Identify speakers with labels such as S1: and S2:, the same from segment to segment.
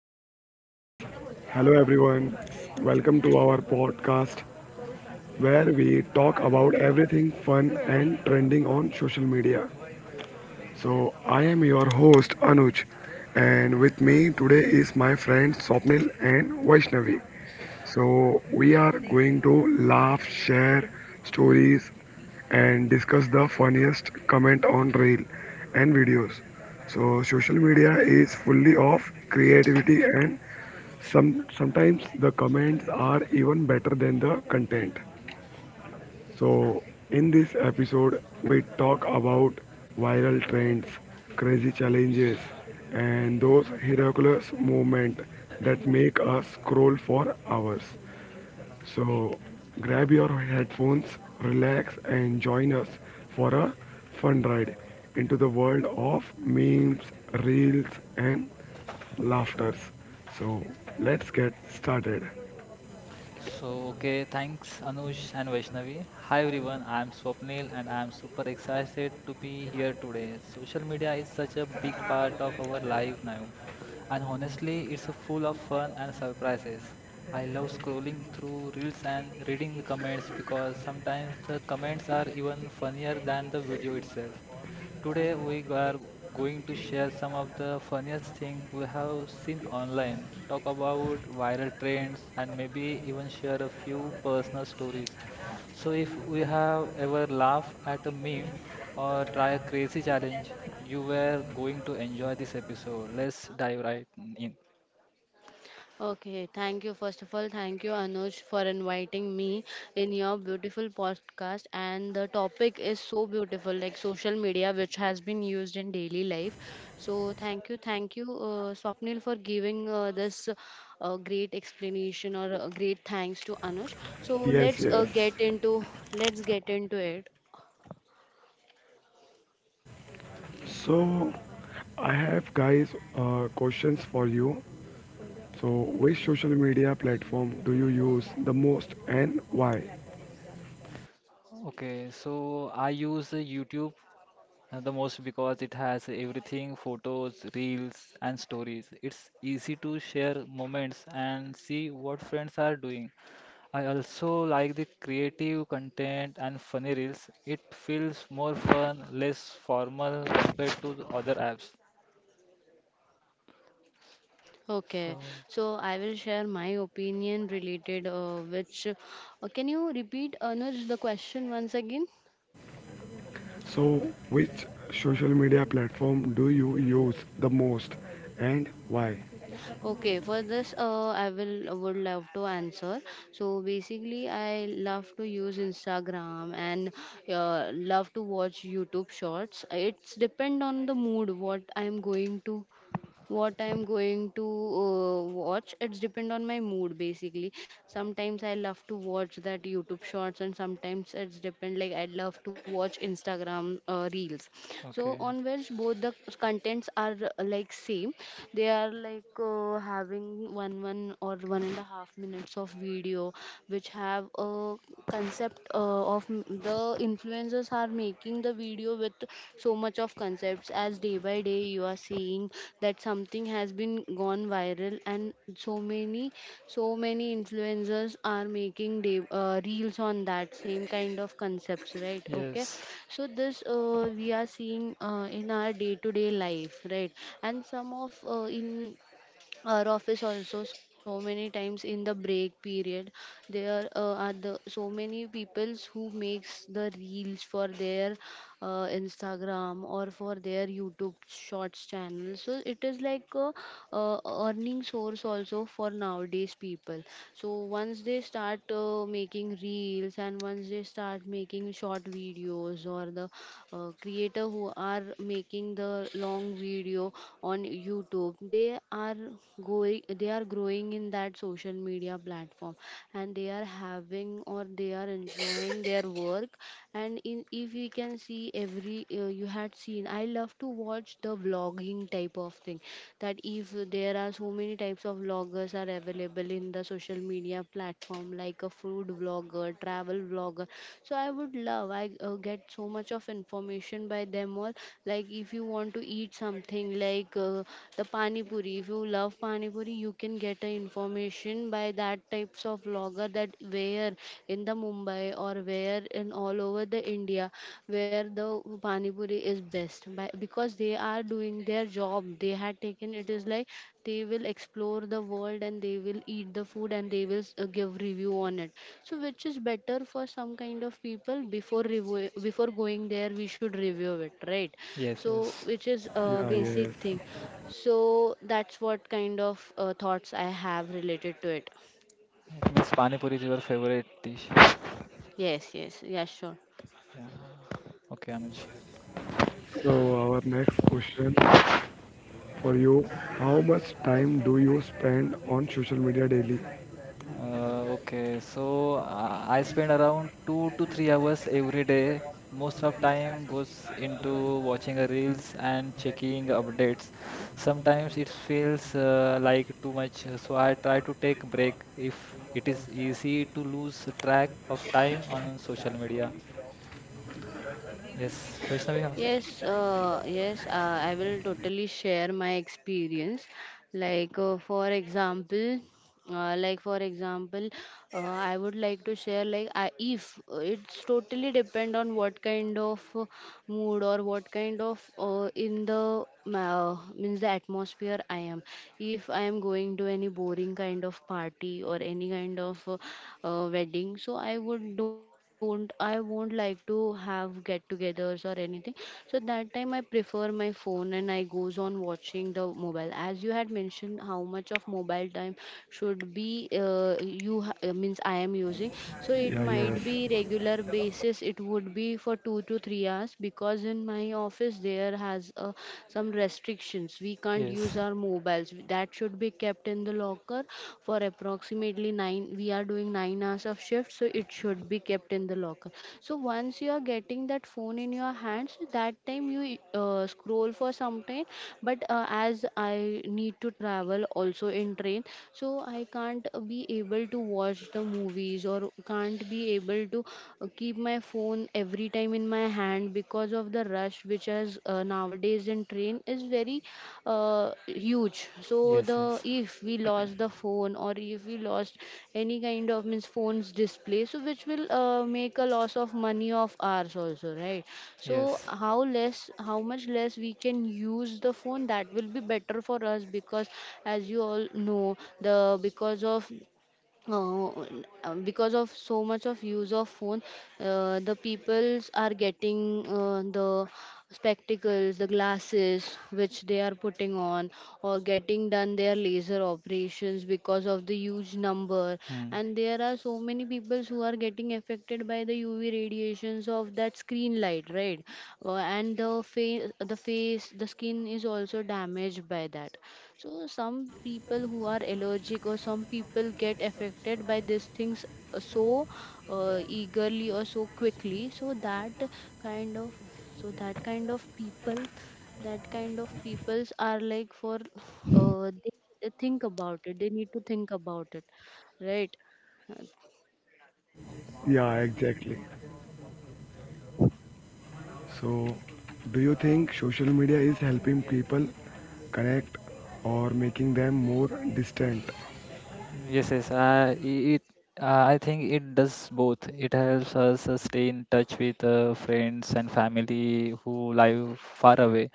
S1: So, guys, hello everyone. Welcome to our podcast where we talk about everything fun and trending on social media. So, I am your host Anuj, and with me today is my friends Swapnil and Vaishnavi. So, we are going to laugh, share stories, and discuss the funniest comment on reel and videos. So, social media is fully of creativity, and sometimes the comments are even better than the content. So, in this episode, we talk about viral trends, crazy challenges, and those miraculous moments that make us scroll for hours. So grab your headphones, relax, and join us for a fun ride into the world of memes, reels, and laughters. So let's get started.
S2: Thanks Anush and Vaishnavi. Hi everyone, I am Swapnil and I am super excited to be here today. Social media is such a big part of our life now, and honestly, it's full of fun and surprises. I love scrolling through reels and reading the comments because sometimes the comments are even funnier than the video itself. Today we are going to share some of the funniest things we have seen online, talk about viral trends and maybe even share a few personal stories. So if we have ever laughed at a meme or try a crazy challenge, you were going to enjoy this episode. Let's dive right in.
S3: Okay, thank you. First of all, thank you, Anuj, for inviting me in your beautiful podcast. And the topic is so beautiful, like social media, which has been used in daily life. So, thank you, Swapnil, for giving this great explanation or great thanks to Anuj. So,
S1: Yes, yes.
S2: Yes.
S3: let's get into it.
S1: So I have guys questions for you. So which social media platform do you use the most and why?
S2: Okay, so I use YouTube the most because it has everything photos, reels, and stories. It's easy to share moments and see what friends are doing. I also like the creative content and funny reels. It feels more fun, less formal compared to the other apps.
S3: Okay,
S2: So,
S3: so I will share my opinion related, which can you repeat, Anuj, the question once again?
S1: So which social media platform do you use the most and why?
S3: Okay, for this, I will would love to answer. So basically, I love to use Instagram and love to watch YouTube Shorts. It's depend on the mood what I'm going to watch. It's depend on my mood basically. Sometimes I love to watch that youtube shorts, and sometimes it's depend, like I love to watch instagram reels. So
S2: okay.
S3: on which both the contents are like same. They are like having 1 or 1.5 minutes of video, which have a concept the influencers are making the video with so much of concepts, as day by day you are seeing that something has been gone viral, and so many so many influencers are making reels on that same kind of concepts, right? Okay.
S2: Yes,
S3: So this we are seeing in our day to day life, right? And some of in our office also, so many times in the break period there are the so many peoples who makes the reels for their instagram or for their youtube shorts channel. So it is like a, earning source also for nowadays people. So once they start making reels, and once they start making short videos, or the creator who are making the long video on youtube, they are growing in that social media platform, and they are having or they are enjoying their work. And in if we can see every you had seen, I love to watch the vlogging type of thing, that if there are so many types of vloggers are available in the social media platform, like a food vlogger, travel vlogger. So I would love I get so much of information by them all. Like if you want to eat something like the pani puri, if you love pani puri, you can get a information by that types of vlogger, that where in the Mumbai or where in all over the India, where the pani puri is best by, because they are doing their job, they had taken, it is like they will explore the world and they will eat the food, and they will give review on it. So which is better for some kind of people, before review, before going there we should review it, right?
S2: yes,
S3: So
S2: yes.
S3: which is a
S1: Yeah,
S3: basic
S1: yes.
S3: thing. So that's what kind of thoughts I have related to it.
S2: It means Pani Puri is your favorite dish.
S3: Yes, yes, yeah, sure.
S2: Yeah. Okay, Anuj.
S1: So, our next question for you: how much time do you spend on social media daily?
S2: I spend around 2 to 3 hours every day. Most of time goes into watching a reels and checking updates. Sometimes it feels like too much, so I try to take break if it is easy to lose track of time on social media. Yes, Vaishnavi.
S3: Yes, yes, I will totally share my experience. Like, for example, uh, like for example, I would like to share, like I, if it's totally depend on what kind of mood or what kind of means the atmosphere I am. If I am going to any boring kind of party or any kind of wedding, so I would don't I won't like to have get-togethers or anything. So that time I prefer my phone, and I goes on watching the mobile, as you had mentioned how much of mobile time should be means I am using. So it
S1: Yeah, yes.
S3: might be regular basis, it would be for 2 to 3 hours, because in my office there has some restrictions. We can't use
S2: Yes,
S3: our mobiles, that should be kept in the locker for approximately 9. We are doing 9 hours of shift, so it should be kept in the locker. So once you are getting that phone in your hands, that time you scroll for some time. But as I need to travel also in train, so I can't be able to watch the movies or can't be able to keep my phone every time in my hand, because of the rush which is nowadays in train is very huge. So
S2: yes,
S3: the,
S2: yes,
S3: if we lost the phone or if we lost any kind of means phones display, so which will make a loss of money of ours also, right? So
S2: yes.
S3: how less how much less we can use the phone, that will be better for us. Because as you all know the because of uh, because of so much of use of phone, the peoples are getting the spectacles, the glasses which they are putting on, or getting done their laser operations because of the huge number.
S2: Hmm.
S3: And there are so many peoples who are getting affected by the UV radiations of that screen light, right? And the face, the skin is also damaged by that. So some people who are allergic or some people get affected by these things, so eagerly or so quickly. Kind of so that kind of people that kind of peoples are like for, uh, they they think about it. They need to think about it, right?
S1: Yeah, exactly. So, do you think social media is helping people connect or making them more distant?
S2: Yes, yes. I think it does both. It helps us stay in touch with friends and family who live far away.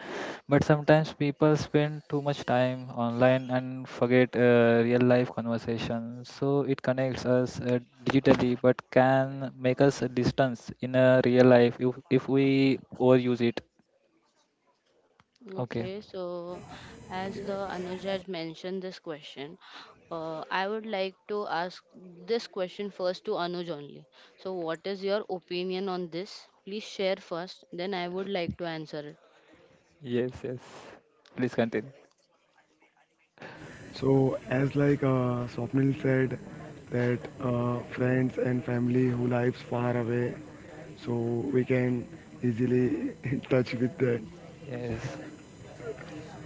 S2: But sometimes people spend too much time online and forget real life conversations. So it connects us digitally, but can make us a distance in a real life if we overuse it. Okay.
S3: Okay, so as the Anuj has mentioned this question, I would like to ask this question first to Anuj only. So, what is your opinion on this? Please share first, then I would like to answer it.
S2: Yes, yes. Please continue.
S1: So, as like Swapnil said, that friends and family who lives far away, so we can easily in touch with them.
S2: Yes,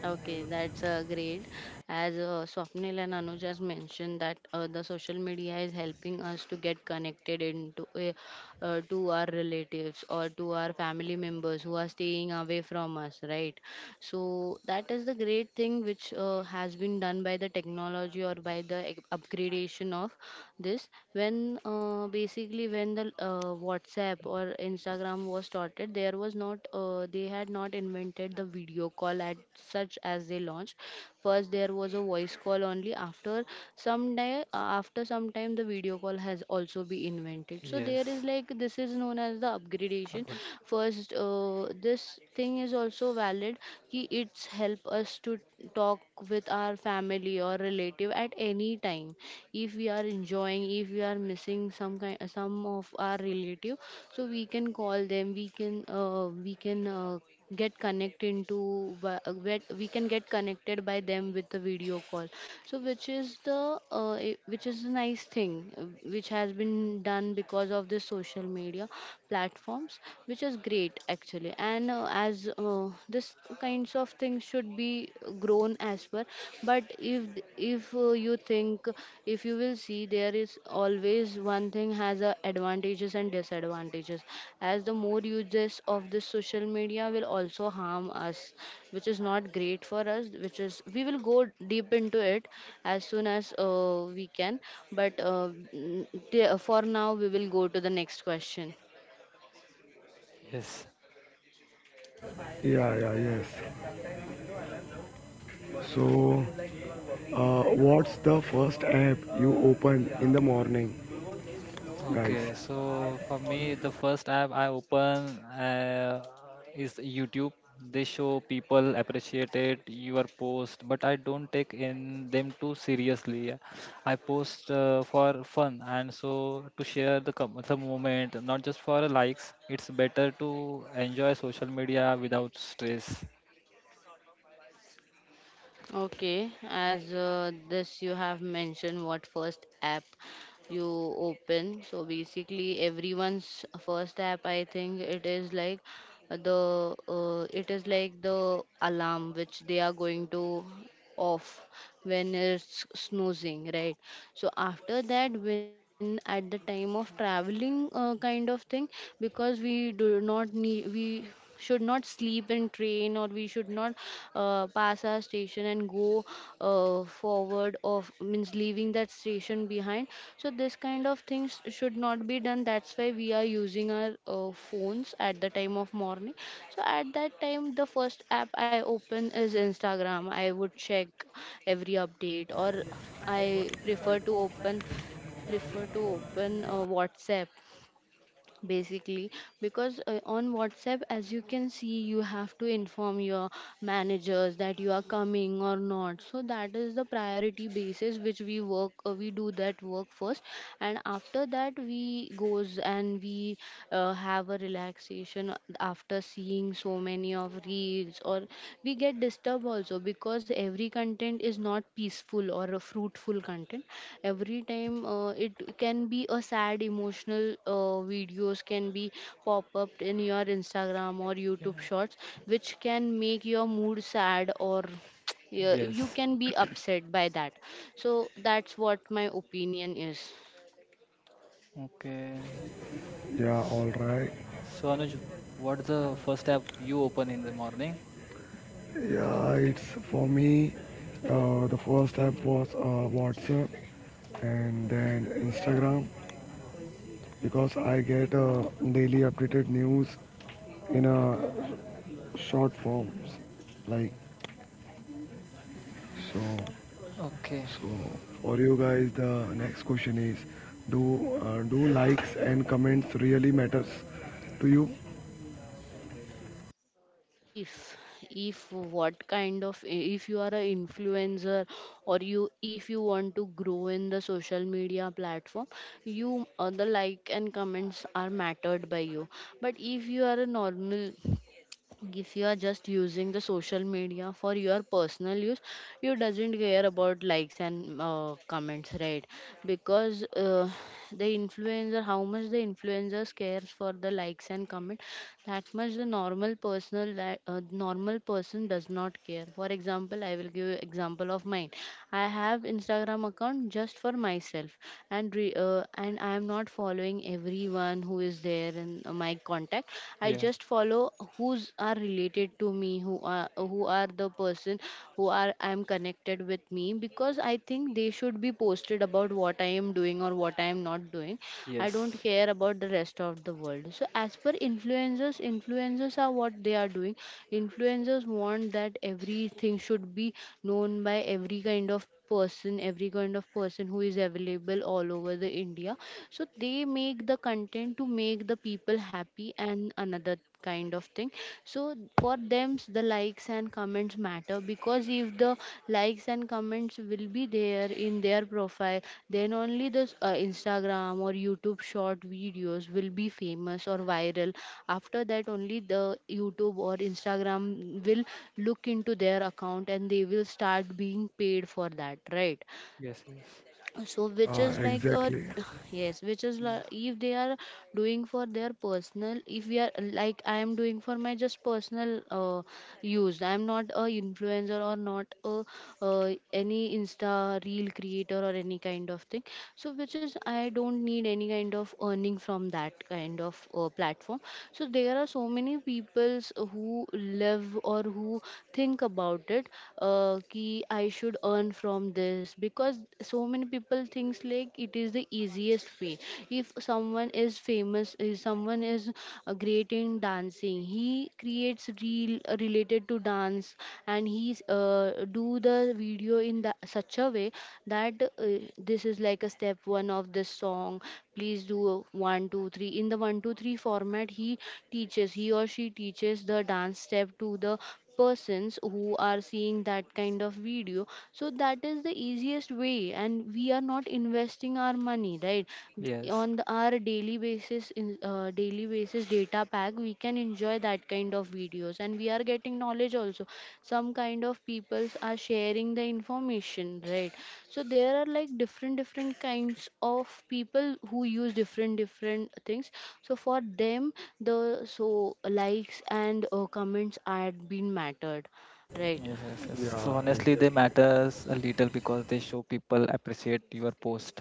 S3: Okay, that's great. As Swapnil and Anuj has mentioned that the social media is helping us to get connected into to our relatives or to our family members who are staying away from us, right? So that is the great thing which has been done by the technology or by the upgradation of this. When basically when the whatsapp or instagram was started, there was not they had not invented the video call at such, as they launched first there was a voice call only. After some day, after some time the video call has also been invented. So there is
S2: yes.
S3: like, this is known as the upgradation.
S2: Good.
S3: First, this thing is also valid कि it's help us to talk with our family or relative at any time, if we are enjoying, if we are missing some of our relative, so we can call them, we can get connected into what, we can get connected by them with the video call. So which is a nice thing, which has been done because of the social media platforms, which is great actually. And as this kinds of things should be grown as well. But if th- if you think, if you will see, there is always one thing has a advantages and disadvantages. As the more uses of this social media will also harm us, which is not great for us, which is we will go deep into it as soon as we can. But for now we will go to the next question.
S2: Yes.
S1: Yeah, yeah, yes. So, what's the first app you open in the morning, guys?
S2: Okay, so for me, the first app I open is YouTube. They show people appreciated your post, but I don't take in them too seriously. I post for fun and so to share the com the moment, not just for likes. It's better to enjoy social media without stress.
S3: Okay, as this you have mentioned what first app you open. So basically everyone's first app, I think it is like the it is like the alarm which they are going to off when it's snoozing, right? So after that, when at the time of traveling kind of thing, because we should not sleep in train, or we should not pass our station and go forward of means leaving that station behind. So this kind of things should not be done, that's why we are using our phones at the time of morning. So at that time the first app I open is instagram. I would check every update, or I prefer to open, whatsapp basically, because on whatsapp as you can see you have to inform your managers that you are coming or not, so that is the priority basis which we work, we do that work first. And after that we goes, and we have a relaxation after seeing so many of reels, or we get disturbed also because every content is not peaceful or a fruitful content every time. It can be a sad emotional videos can be pop up in your instagram or
S2: Yeah.
S3: youtube shorts, which can make your mood sad, or yeah, you
S2: Yes.
S3: can be upset by that. So that's what my opinion is.
S2: Okay.
S1: Yeah, all right.
S2: So Anuj, what's the first app you open in the morning?
S1: Yeah, it's for me. The first app was WhatsApp and then Instagram because I get daily updated news in a
S2: Okay.
S1: short forms. Like
S2: Yes.
S1: so.
S2: Okay.
S1: So for you guys, the next question is: do
S2: Yeah.
S1: do likes and comments really matters to you?
S3: If if what kind of, if you are a influencer, or you if you want to grow in the social media platform, you the like and comments are mattered by you. But if you are a normal, if you are just using the social media for your personal use, you doesn't care about likes and comments, right? Because the influencer, how much the influencers cares for the likes and comment, that much the normal normal person does not care. For example, I will give you example of mine. I have instagram account just for myself. And and I am not following everyone who is there in on my contact. I
S2: Yeah.
S3: just follow who's are related to me who are the person who are I'm connected with me, because I think they should be posted about what I am doing or what I am not doing. I
S2: Yes.
S3: don't care about the rest of the world. So as per influencers, influencers are what they are doing. Influencers want that everything should be known by every kind of person, every kind of person who is available all over the India. So they make the content to make the people happy and another kind of thing. So for them, the likes and comments matter, because if the likes and comments will be there in their profile, then only the Instagram or YouTube short videos will be famous or viral. After that, only the YouTube or Instagram will look into their account and they will start being paid for that, right?
S2: Yes. Yes. Yes.
S3: So which
S1: Yeah,
S3: is like a
S1: exactly.
S3: yes, which is like
S2: Yes.
S3: if they are doing for their personal, if we are like, I am doing for my just personal use. I am not a influencer or not a any insta reel creator or any kind of thing. So which is I don't need any kind of earning from that kind of platform. So there are so many peoples who live or who think about it, ki I should earn from this, because so many people thinks like it is the easiest way. If someone is famous, if someone is great in dancing, he creates real related to dance, and he do the video in the, such a way that this is like a step one of this song. Please do one two three in the one two three format. He teaches, he or she teaches the dance step to the persons who are seeing that kind of video. So that is the easiest way and we are not investing our money, right,
S2: Yes.
S3: our daily basis in daily basis data pack, we can enjoy that kind of videos and we are getting knowledge also. Some kind of peoples are sharing the information, right? So there are like different different kinds of people who use different different things. So for them, the so likes and comments are being mattered, right?
S2: Yes. Yes. So
S1: Yeah,
S2: honestly, they
S1: exactly.
S2: matters a little because they show people appreciate your post.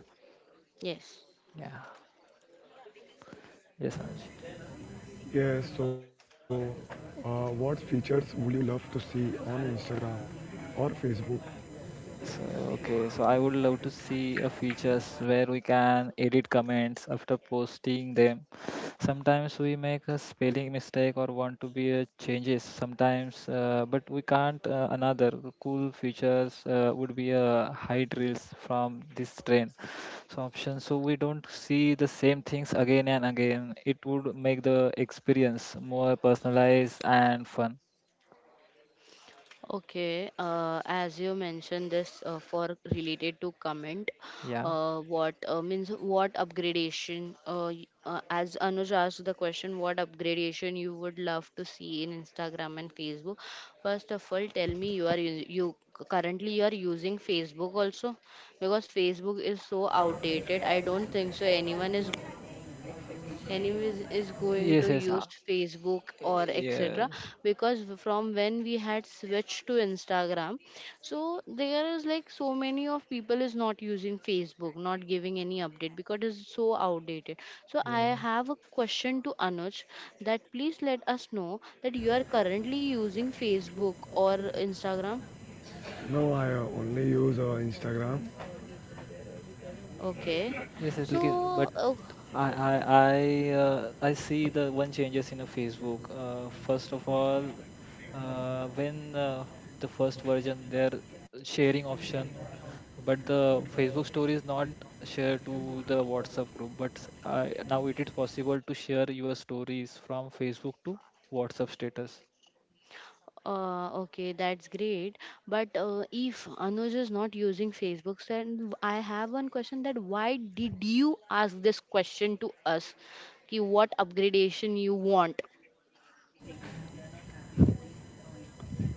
S3: Yes.
S2: Yeah. Yes, Anuj.
S1: Yeah, so what features would you love to see on Instagram or Facebook?
S2: So, okay, so I would love to see a features where we can edit comments after posting them. Sometimes we make a spelling mistake or want to be a changes sometimes, but we can't. Another cool features would be a hide reels from this trend. So option, so we don't see the same things again and again. It would make the experience more personalized and fun.
S3: Okay, as you mentioned this for related to comment,
S2: Yeah.
S3: what means what upgradation? As Anuj asked the question, what upgradation you would love to see in Instagram and Facebook? First of all, tell me you are you currently you are using Facebook also, because Facebook is so outdated. I don't think so anyone is anyways is going to
S2: Yes. Yes.
S3: use facebook or etc,
S2: Yes.
S3: because from when we had switched to instagram. So there is like so many of people is not using facebook, not giving any update because it's so outdated. So I
S2: Yeah.
S3: have a question to anuj that please let us know that you are currently using facebook or instagram.
S1: No, I only use Instagram.
S3: Okay.
S2: Yes, it's like,
S3: so
S2: but
S3: uh,
S2: I I see the one changes in a Facebook. First of all, when the first version their sharing option, but the Facebook story is not shared to the WhatsApp group. But I, now it is possible to share your stories from Facebook to WhatsApp status.
S3: Uh, okay, that's great. But if Anuj is not using Facebook, then I have one question, that why did you ask this question to us? Ki what upgradation you want?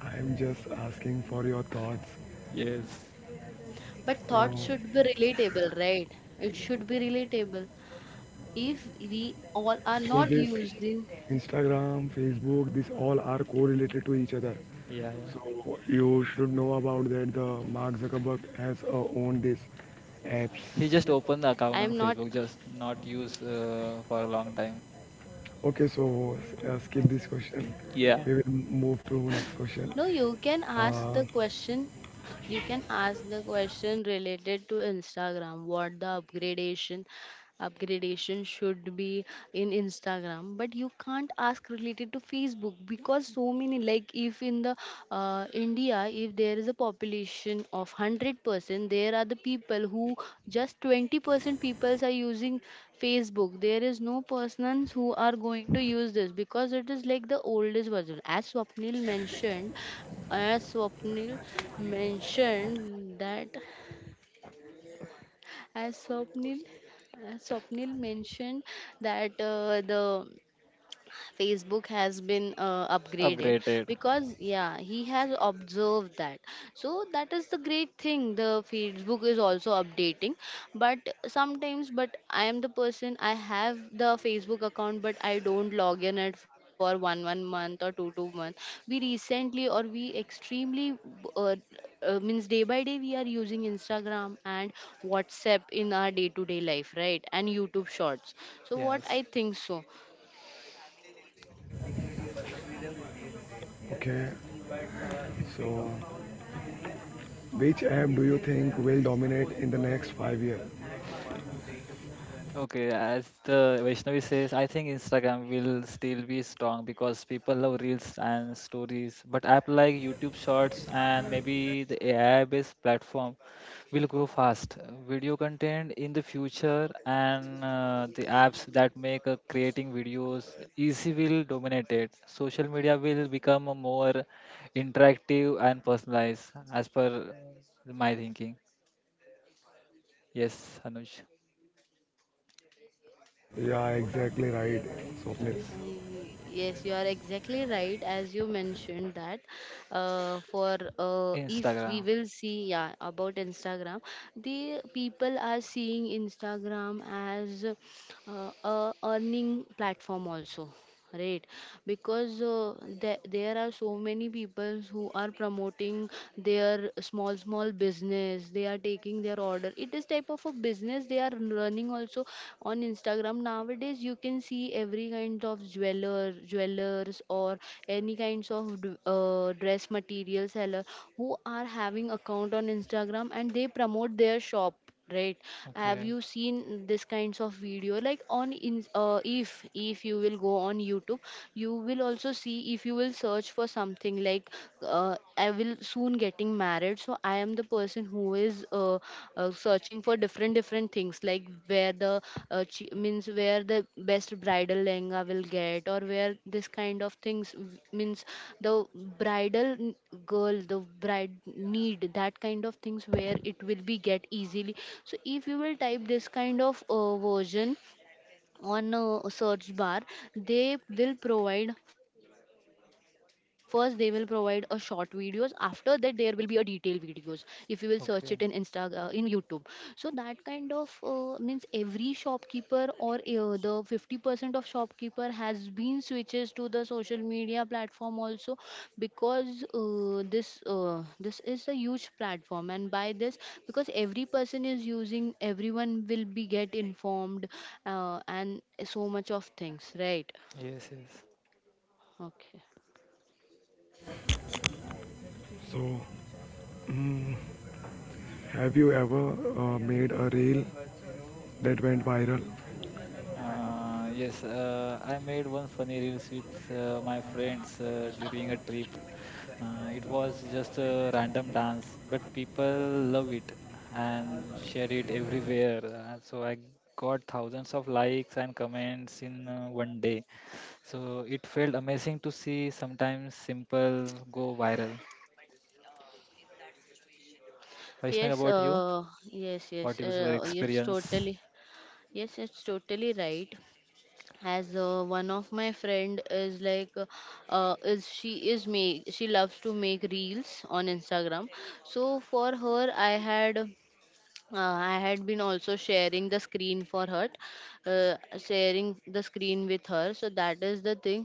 S1: I'm just asking for your thoughts.
S2: Yes.
S3: But thoughts
S1: So,
S3: should be relatable, right? It should be relatable. If we all are
S1: because
S3: not
S1: this
S3: using,
S1: Instagram, Facebook, this all are correlated to each other.
S2: Yeah, yeah.
S1: So you should know about that. The Mark Zuckerberg has owned these apps.
S2: He just opened the
S3: I am
S2: account on
S3: not.
S2: Facebook, just not use for a long time.
S1: Okay, so skip this question.
S2: Yeah.
S1: We will move to next question.
S3: No, you can ask the question. You can ask the question related to Instagram. What the upgradation should be in Instagram, but you can't ask related to Facebook, because so many like if in the India, if there is a population of 100%. There are the people who just 20% people are using Facebook. There is no persons who are going to use this because it is like the oldest version. As Swapnil mentioned as Swapnil as Swapnil mentioned that the facebook has been upgraded,
S2: Upgraded.
S3: because yeah, he has observed that. So that is the great thing, the facebook is also updating. But sometimes, but I am the person, I have the facebook account, but I don't log in it for 1 1 month or 2 2 month. We recently or we extremely uh, means day by day we are using instagram and whatsapp in our day to day life, right? And youtube shorts, so what
S2: Yes.
S3: I think. So
S1: Okay, so which app do you think will dominate in the next 5 years?
S2: Okay, as the Vaishnavi says, I think Instagram will still be strong because people love reels and stories. But app like YouTube Shorts and maybe the AI-based platform will grow fast. Video content in the future and the apps that make creating videos easy will dominate it. Social media will become a more interactive and personalized, as per my thinking. Yes, Anuj.
S1: Yeah, exactly right, Swapnil.
S2: Yes,
S3: yes, you are exactly right. As you mentioned that, for if we
S2: Instagram.
S3: will see, yeah, about Instagram, the people are seeing Instagram as a earning platform also, right? Because there are so many people who are promoting their small small business. They are taking their order, it is type of a business they are running also on instagram. Nowadays you can see every kind of jeweler jewelers or any kinds of dress material seller who are having account on instagram and they promote their shop, right? Have
S2: Okay,
S3: you seen this kinds of video like on in, if you will go on youtube? You will also see, if you will search for something like I will soon getting married, so I am the person who is searching for different different things, like where the means where the best bridal lehenga will get, or where this kind of things means the bridal girl, the bride need that kind of things where it will be get easily. So if you will type this kind of version on a search bar, they will provide first, they will provide a short videos, after that there will be a detailed videos if you will search it in insta
S2: okay.
S3: in youtube. So that kind of means every shopkeeper or the 50% of shopkeeper has been switches to the social media platform also, because this is a huge platform. And by this, because every person is using, everyone will be get informed, and so much of things, right?
S2: Yes, yes.
S3: Okay,
S1: So, have you ever made a reel that went viral?
S2: Yes, I made one funny reels with my friends during a trip. It was just a random dance, but people love it and share it everywhere. So I got thousands of likes and comments in one day. So it felt amazing to see sometimes simple go viral. Vaishnav,
S3: yes,
S2: about you?
S3: yes, yes,
S2: What was your
S3: it's
S2: experience?
S3: totally. Yes, it's totally right. As one of my friend is like, is she is make, she loves to make reels on instagram. So for her, I had been also sharing the screen for her, sharing the screen with her. So that is the thing,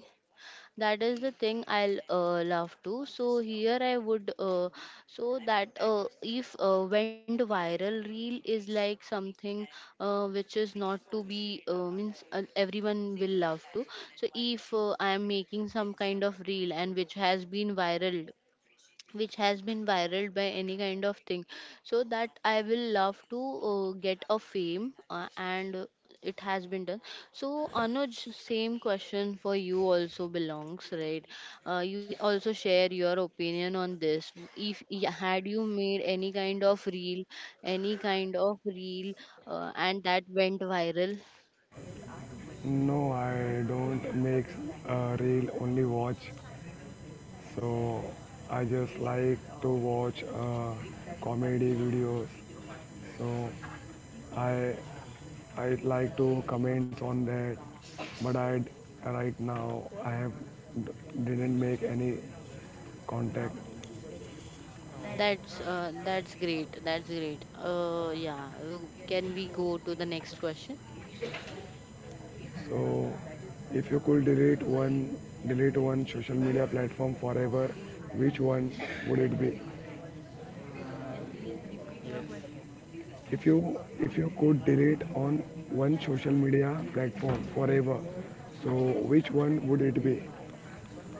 S3: that is the thing. I'll love to, so here I would, so that if went viral reel is like something which is not to be, means everyone will love to. So if I am making some kind of reel, and which has been viral, which has been viral by any kind of thing, so that I will love to get a fame and it has been done. So anuj, same question for you also belongs, right? You also share your opinion on this. If had you made any kind of reel, any kind of reel, and that went viral?
S1: No, I don't make a reel, only watch. So, I just like to watch comedy videos. So, I I like to comments on that, but I right now I have didn't make any contact.
S2: Oh,
S3: That's great, that's great. Yeah, can we go to the next question?
S1: So if you could delete one social media platform forever, which one would it be?
S2: uh, yes,
S1: If you could delete on one social media platform forever, so which one would it be?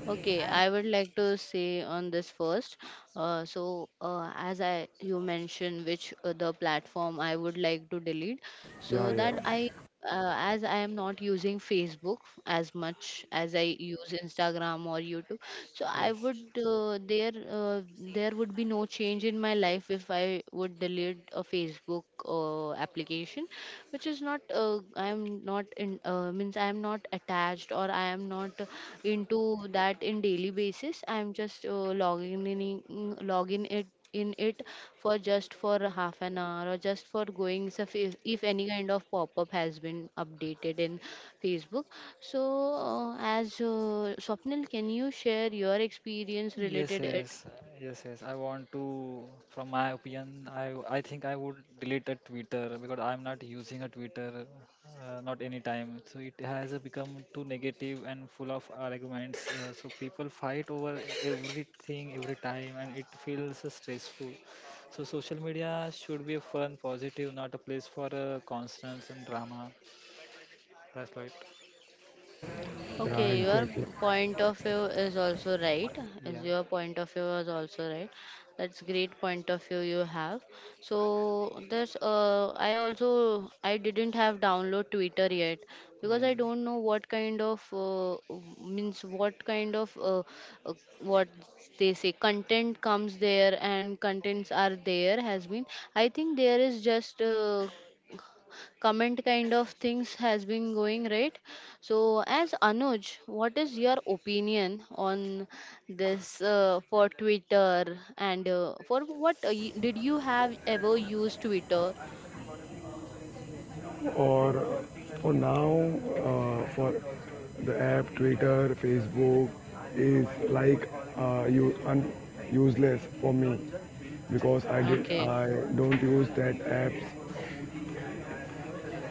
S3: Okay, I would like to say on this first. So, as I you mentioned, which the platform I would like to delete, so
S1: Yeah, yeah,
S3: that I, as I am not using Facebook as much as I use Instagram or YouTube, so I
S2: yes.
S3: would there uh, there would be no change in my life if I would delete a Facebook application, which is not, I am not in, means I am not attached or I am not into that in daily basis. I am just logging logging it in it for just for a half an hour or just for going. So if any kind of pop-up has been updated in facebook, so as swapnil, can you share your experience
S2: Yes,
S3: related?
S2: yes, yes, yes. I want to, from my opinion, I think I would delete a Twitter because I'm not using a Twitter, not any time. So it has become too negative and full of arguments. So people fight over everything every time, and it feels stressful. So social media should be a fun, positive, not a place for constants and drama. That's right.
S1: yeah,
S3: Okay, your
S1: exactly.
S3: point of view is also right. Is
S2: Yeah,
S3: your point of view is also right. That's great point of view you have. So there's I didn't have download Twitter yet, because I
S2: yeah.
S3: don't know what kind of means what kind of, uh, what they say content comes there, and contents are there has been. I think there is just comment kind of things has been going right. So, as Anuj, what is your opinion on this, for Twitter, and did you have ever used Twitter?
S1: or or now for the app Twitter, Facebook is like you useless for me because I did
S3: Okay.
S1: I don't use that apps.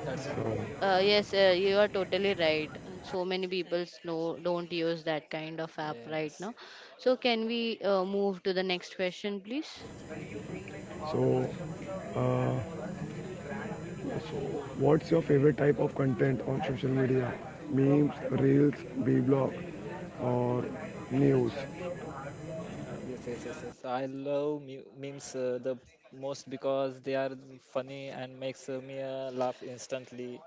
S2: That's good.
S1: So
S3: Yes, you are totally right. So many people no, don't use that kind of app right
S2: Yes.
S3: now. So can we move to the next question, please?
S1: so so what's your favorite type of content on social media? Memes, reels, vlog, or news?
S2: Yes. I love memes the most because they are funny and makes me laugh instantly.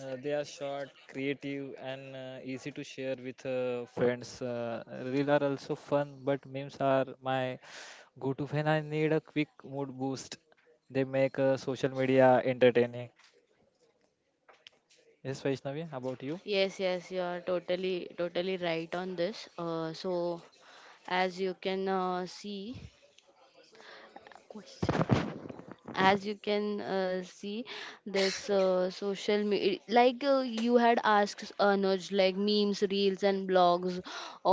S2: They are short, creative, and easy to share with friends. Reels are also fun, but memes are my go-to when I need a quick mood boost. They make social media entertaining. Yes, Vaishnavi, about you?
S3: Yes, yes, you are totally, totally right on this. So, as you can see, as you can see this social media, like, you had asked, Anuj, like memes, reels, and blogs,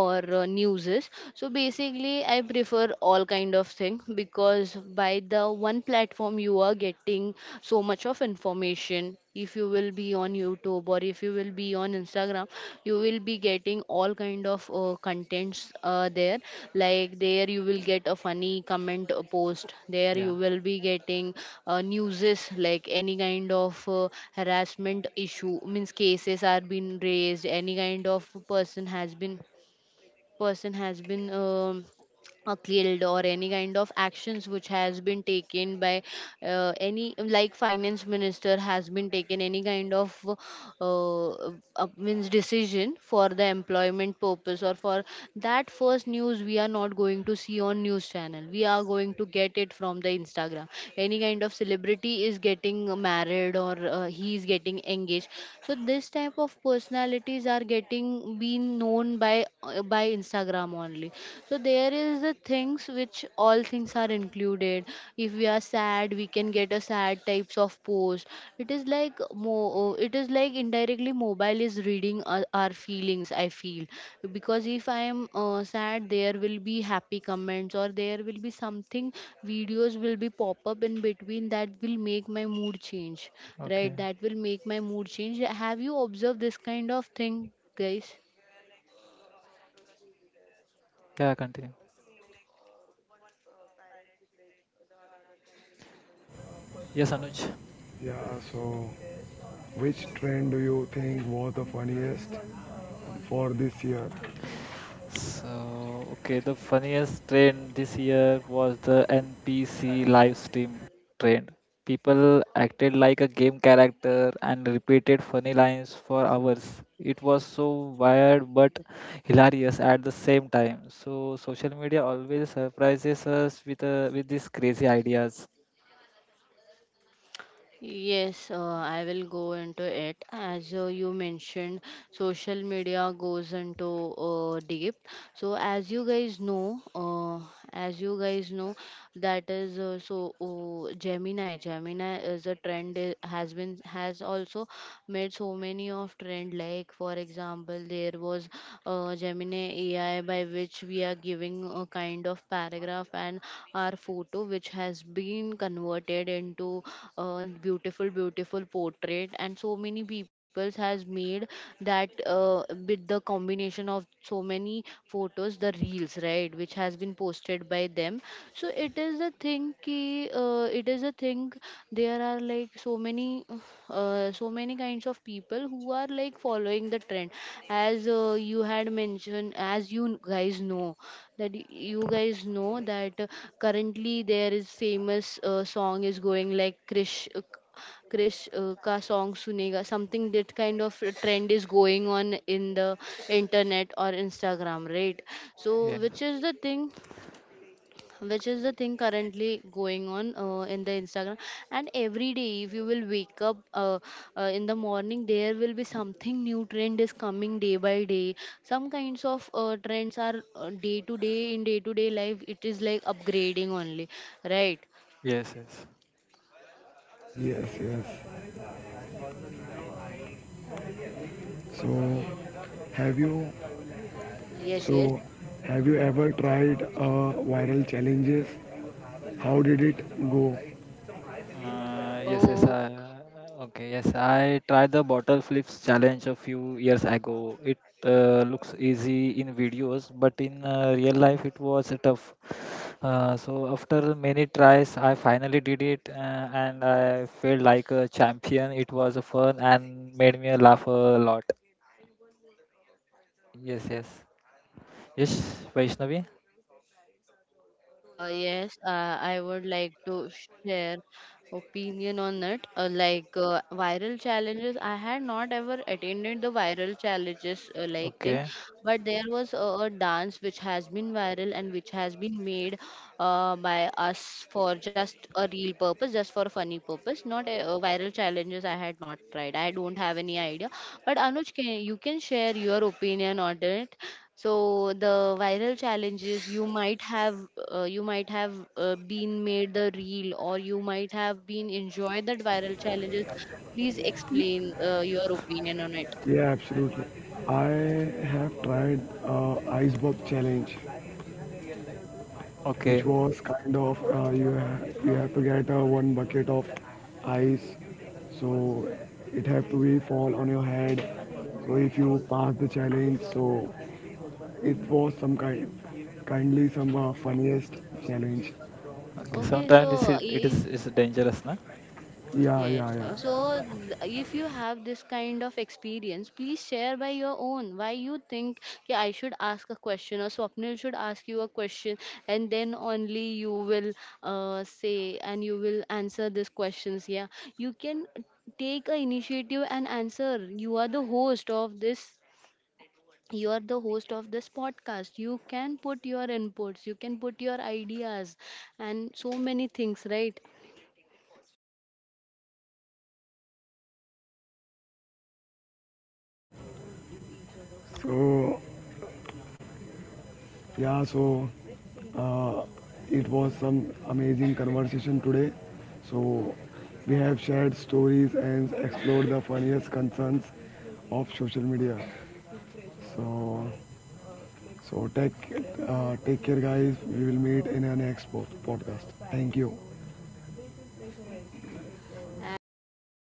S3: or newses. So basically I prefer all kind of thing, because by the one platform you are getting so much of information. If you will be on YouTube or if you will be on Instagram, you will be getting all kind of contents there. Like, there you will get a funny comment post, there you
S2: Yeah.
S3: will be getting newses, like any kind of harassment issue, means cases are being raised, any kind of person has been killed, or any kind of actions which has been taken by any, like, finance minister has been taken any kind of means decision for the employment purpose, or for that first news we are not going to see on news channel, we are going to get it from the Instagram. Any kind of celebrity is getting married or he is getting engaged, so this type of personalities are getting being known by Instagram, Instagram only. So there is the things which all things are included. If we are sad, we can get a sad types of post. It is like it is like indirectly mobile is reading our feelings, I feel. Because if I am sad, there will be happy comments, or there will be something, videos will be pop up in between that will make my mood change,
S2: Okay.
S3: right? That will make my mood change. Have you observed this kind of thing, guys?
S2: Yeah, continue. Yes, Anuj.
S1: Yeah. So which trend do you think was the funniest for this year?
S2: The funniest trend this year was the NPC live stream trend. People acted like a game character and repeated funny lines for hours. It was so weird but hilarious at the same time. So, social media always surprises us with with these crazy ideas.
S3: Yes, I will go into it. As you mentioned, social media goes into deep. So, as you guys know, as you guys know, that is Gemini. Gemini is a trend has been has also made so many of trend. Like, for example, there was Gemini AI, by which we are giving a kind of paragraph, and our photo which has been converted into a beautiful portrait, and so many peoples has made that with the combination of so many photos, the reels, right, which has been posted by them. So it is a thing ki, it is a thing, there are, like, so many so many kinds of people who are, like, following the trend. As you had mentioned, as you guys know that y- you guys know that currently there is famous song is going, like, Krish Krish ka song sunega, something, that kind of a trend is going on in the internet or Instagram, right? So
S2: Yeah.
S3: which is the thing, which is the thing currently going on in the Instagram. And every day, if you will wake up in the morning, there will be something new trend is coming day by day. Some kinds of trends are day to day, in day to day life, it is like upgrading only, right?
S2: Yes, yes.
S1: Yes. Yes. So have you
S3: Yes, yes.
S1: so have you ever tried viral challenges? How did it go?
S3: Oh.
S2: Yes. I tried the bottle flips challenge a few years ago. It looks easy in videos, but in real life it was tough. So after many tries, I finally did it, and I felt like a champion. It was fun and made me laugh a lot. Yes, yes. Yes, Vaishnavi.
S3: Yes, I would like to share opinion on it. Like, viral challenges, I had not ever attended the viral challenges like thing,
S2: Okay,
S3: but there was a dance which has been viral and which has been made by us for just a real purpose, just for a funny purpose. Not a, viral challenges, I had not tried. I don't have any idea. But Anuj, you can share your opinion on it. So the viral challenges you might have, been made the reel, or you might have been enjoyed that viral challenges. Please explain your opinion on it.
S1: Yeah, absolutely. I have tried ice bob challenge, which
S2: okay,
S1: was kind of you have to get one bucket of ice, so it have to be fall on your head. So if you pass the challenge, so it was some kind kindly some funniest challenge. So
S2: okay.
S3: Okay, so
S2: Sometimes it is
S3: uh,
S2: it is
S3: i-
S2: it's dangerous, na?
S1: yeah, yeah,
S3: Yes. So,
S1: yeah.
S3: if you have this kind of experience, please share by your own. Why you think, yeah, I should ask a question, or Swapnil should ask you a question, and then only you will say and you will answer these questions. Yeah, you can take a initiative and answer. You are the host of this. You are the host of this podcast. You can put your inputs, you can put your ideas, and so many things, right?
S1: So yeah, so uh, it was some amazing conversation today. So we have shared stories and explored the funniest concerns of social media. So so take take care, guys. We will meet in our next podcast. Thank you.
S3: As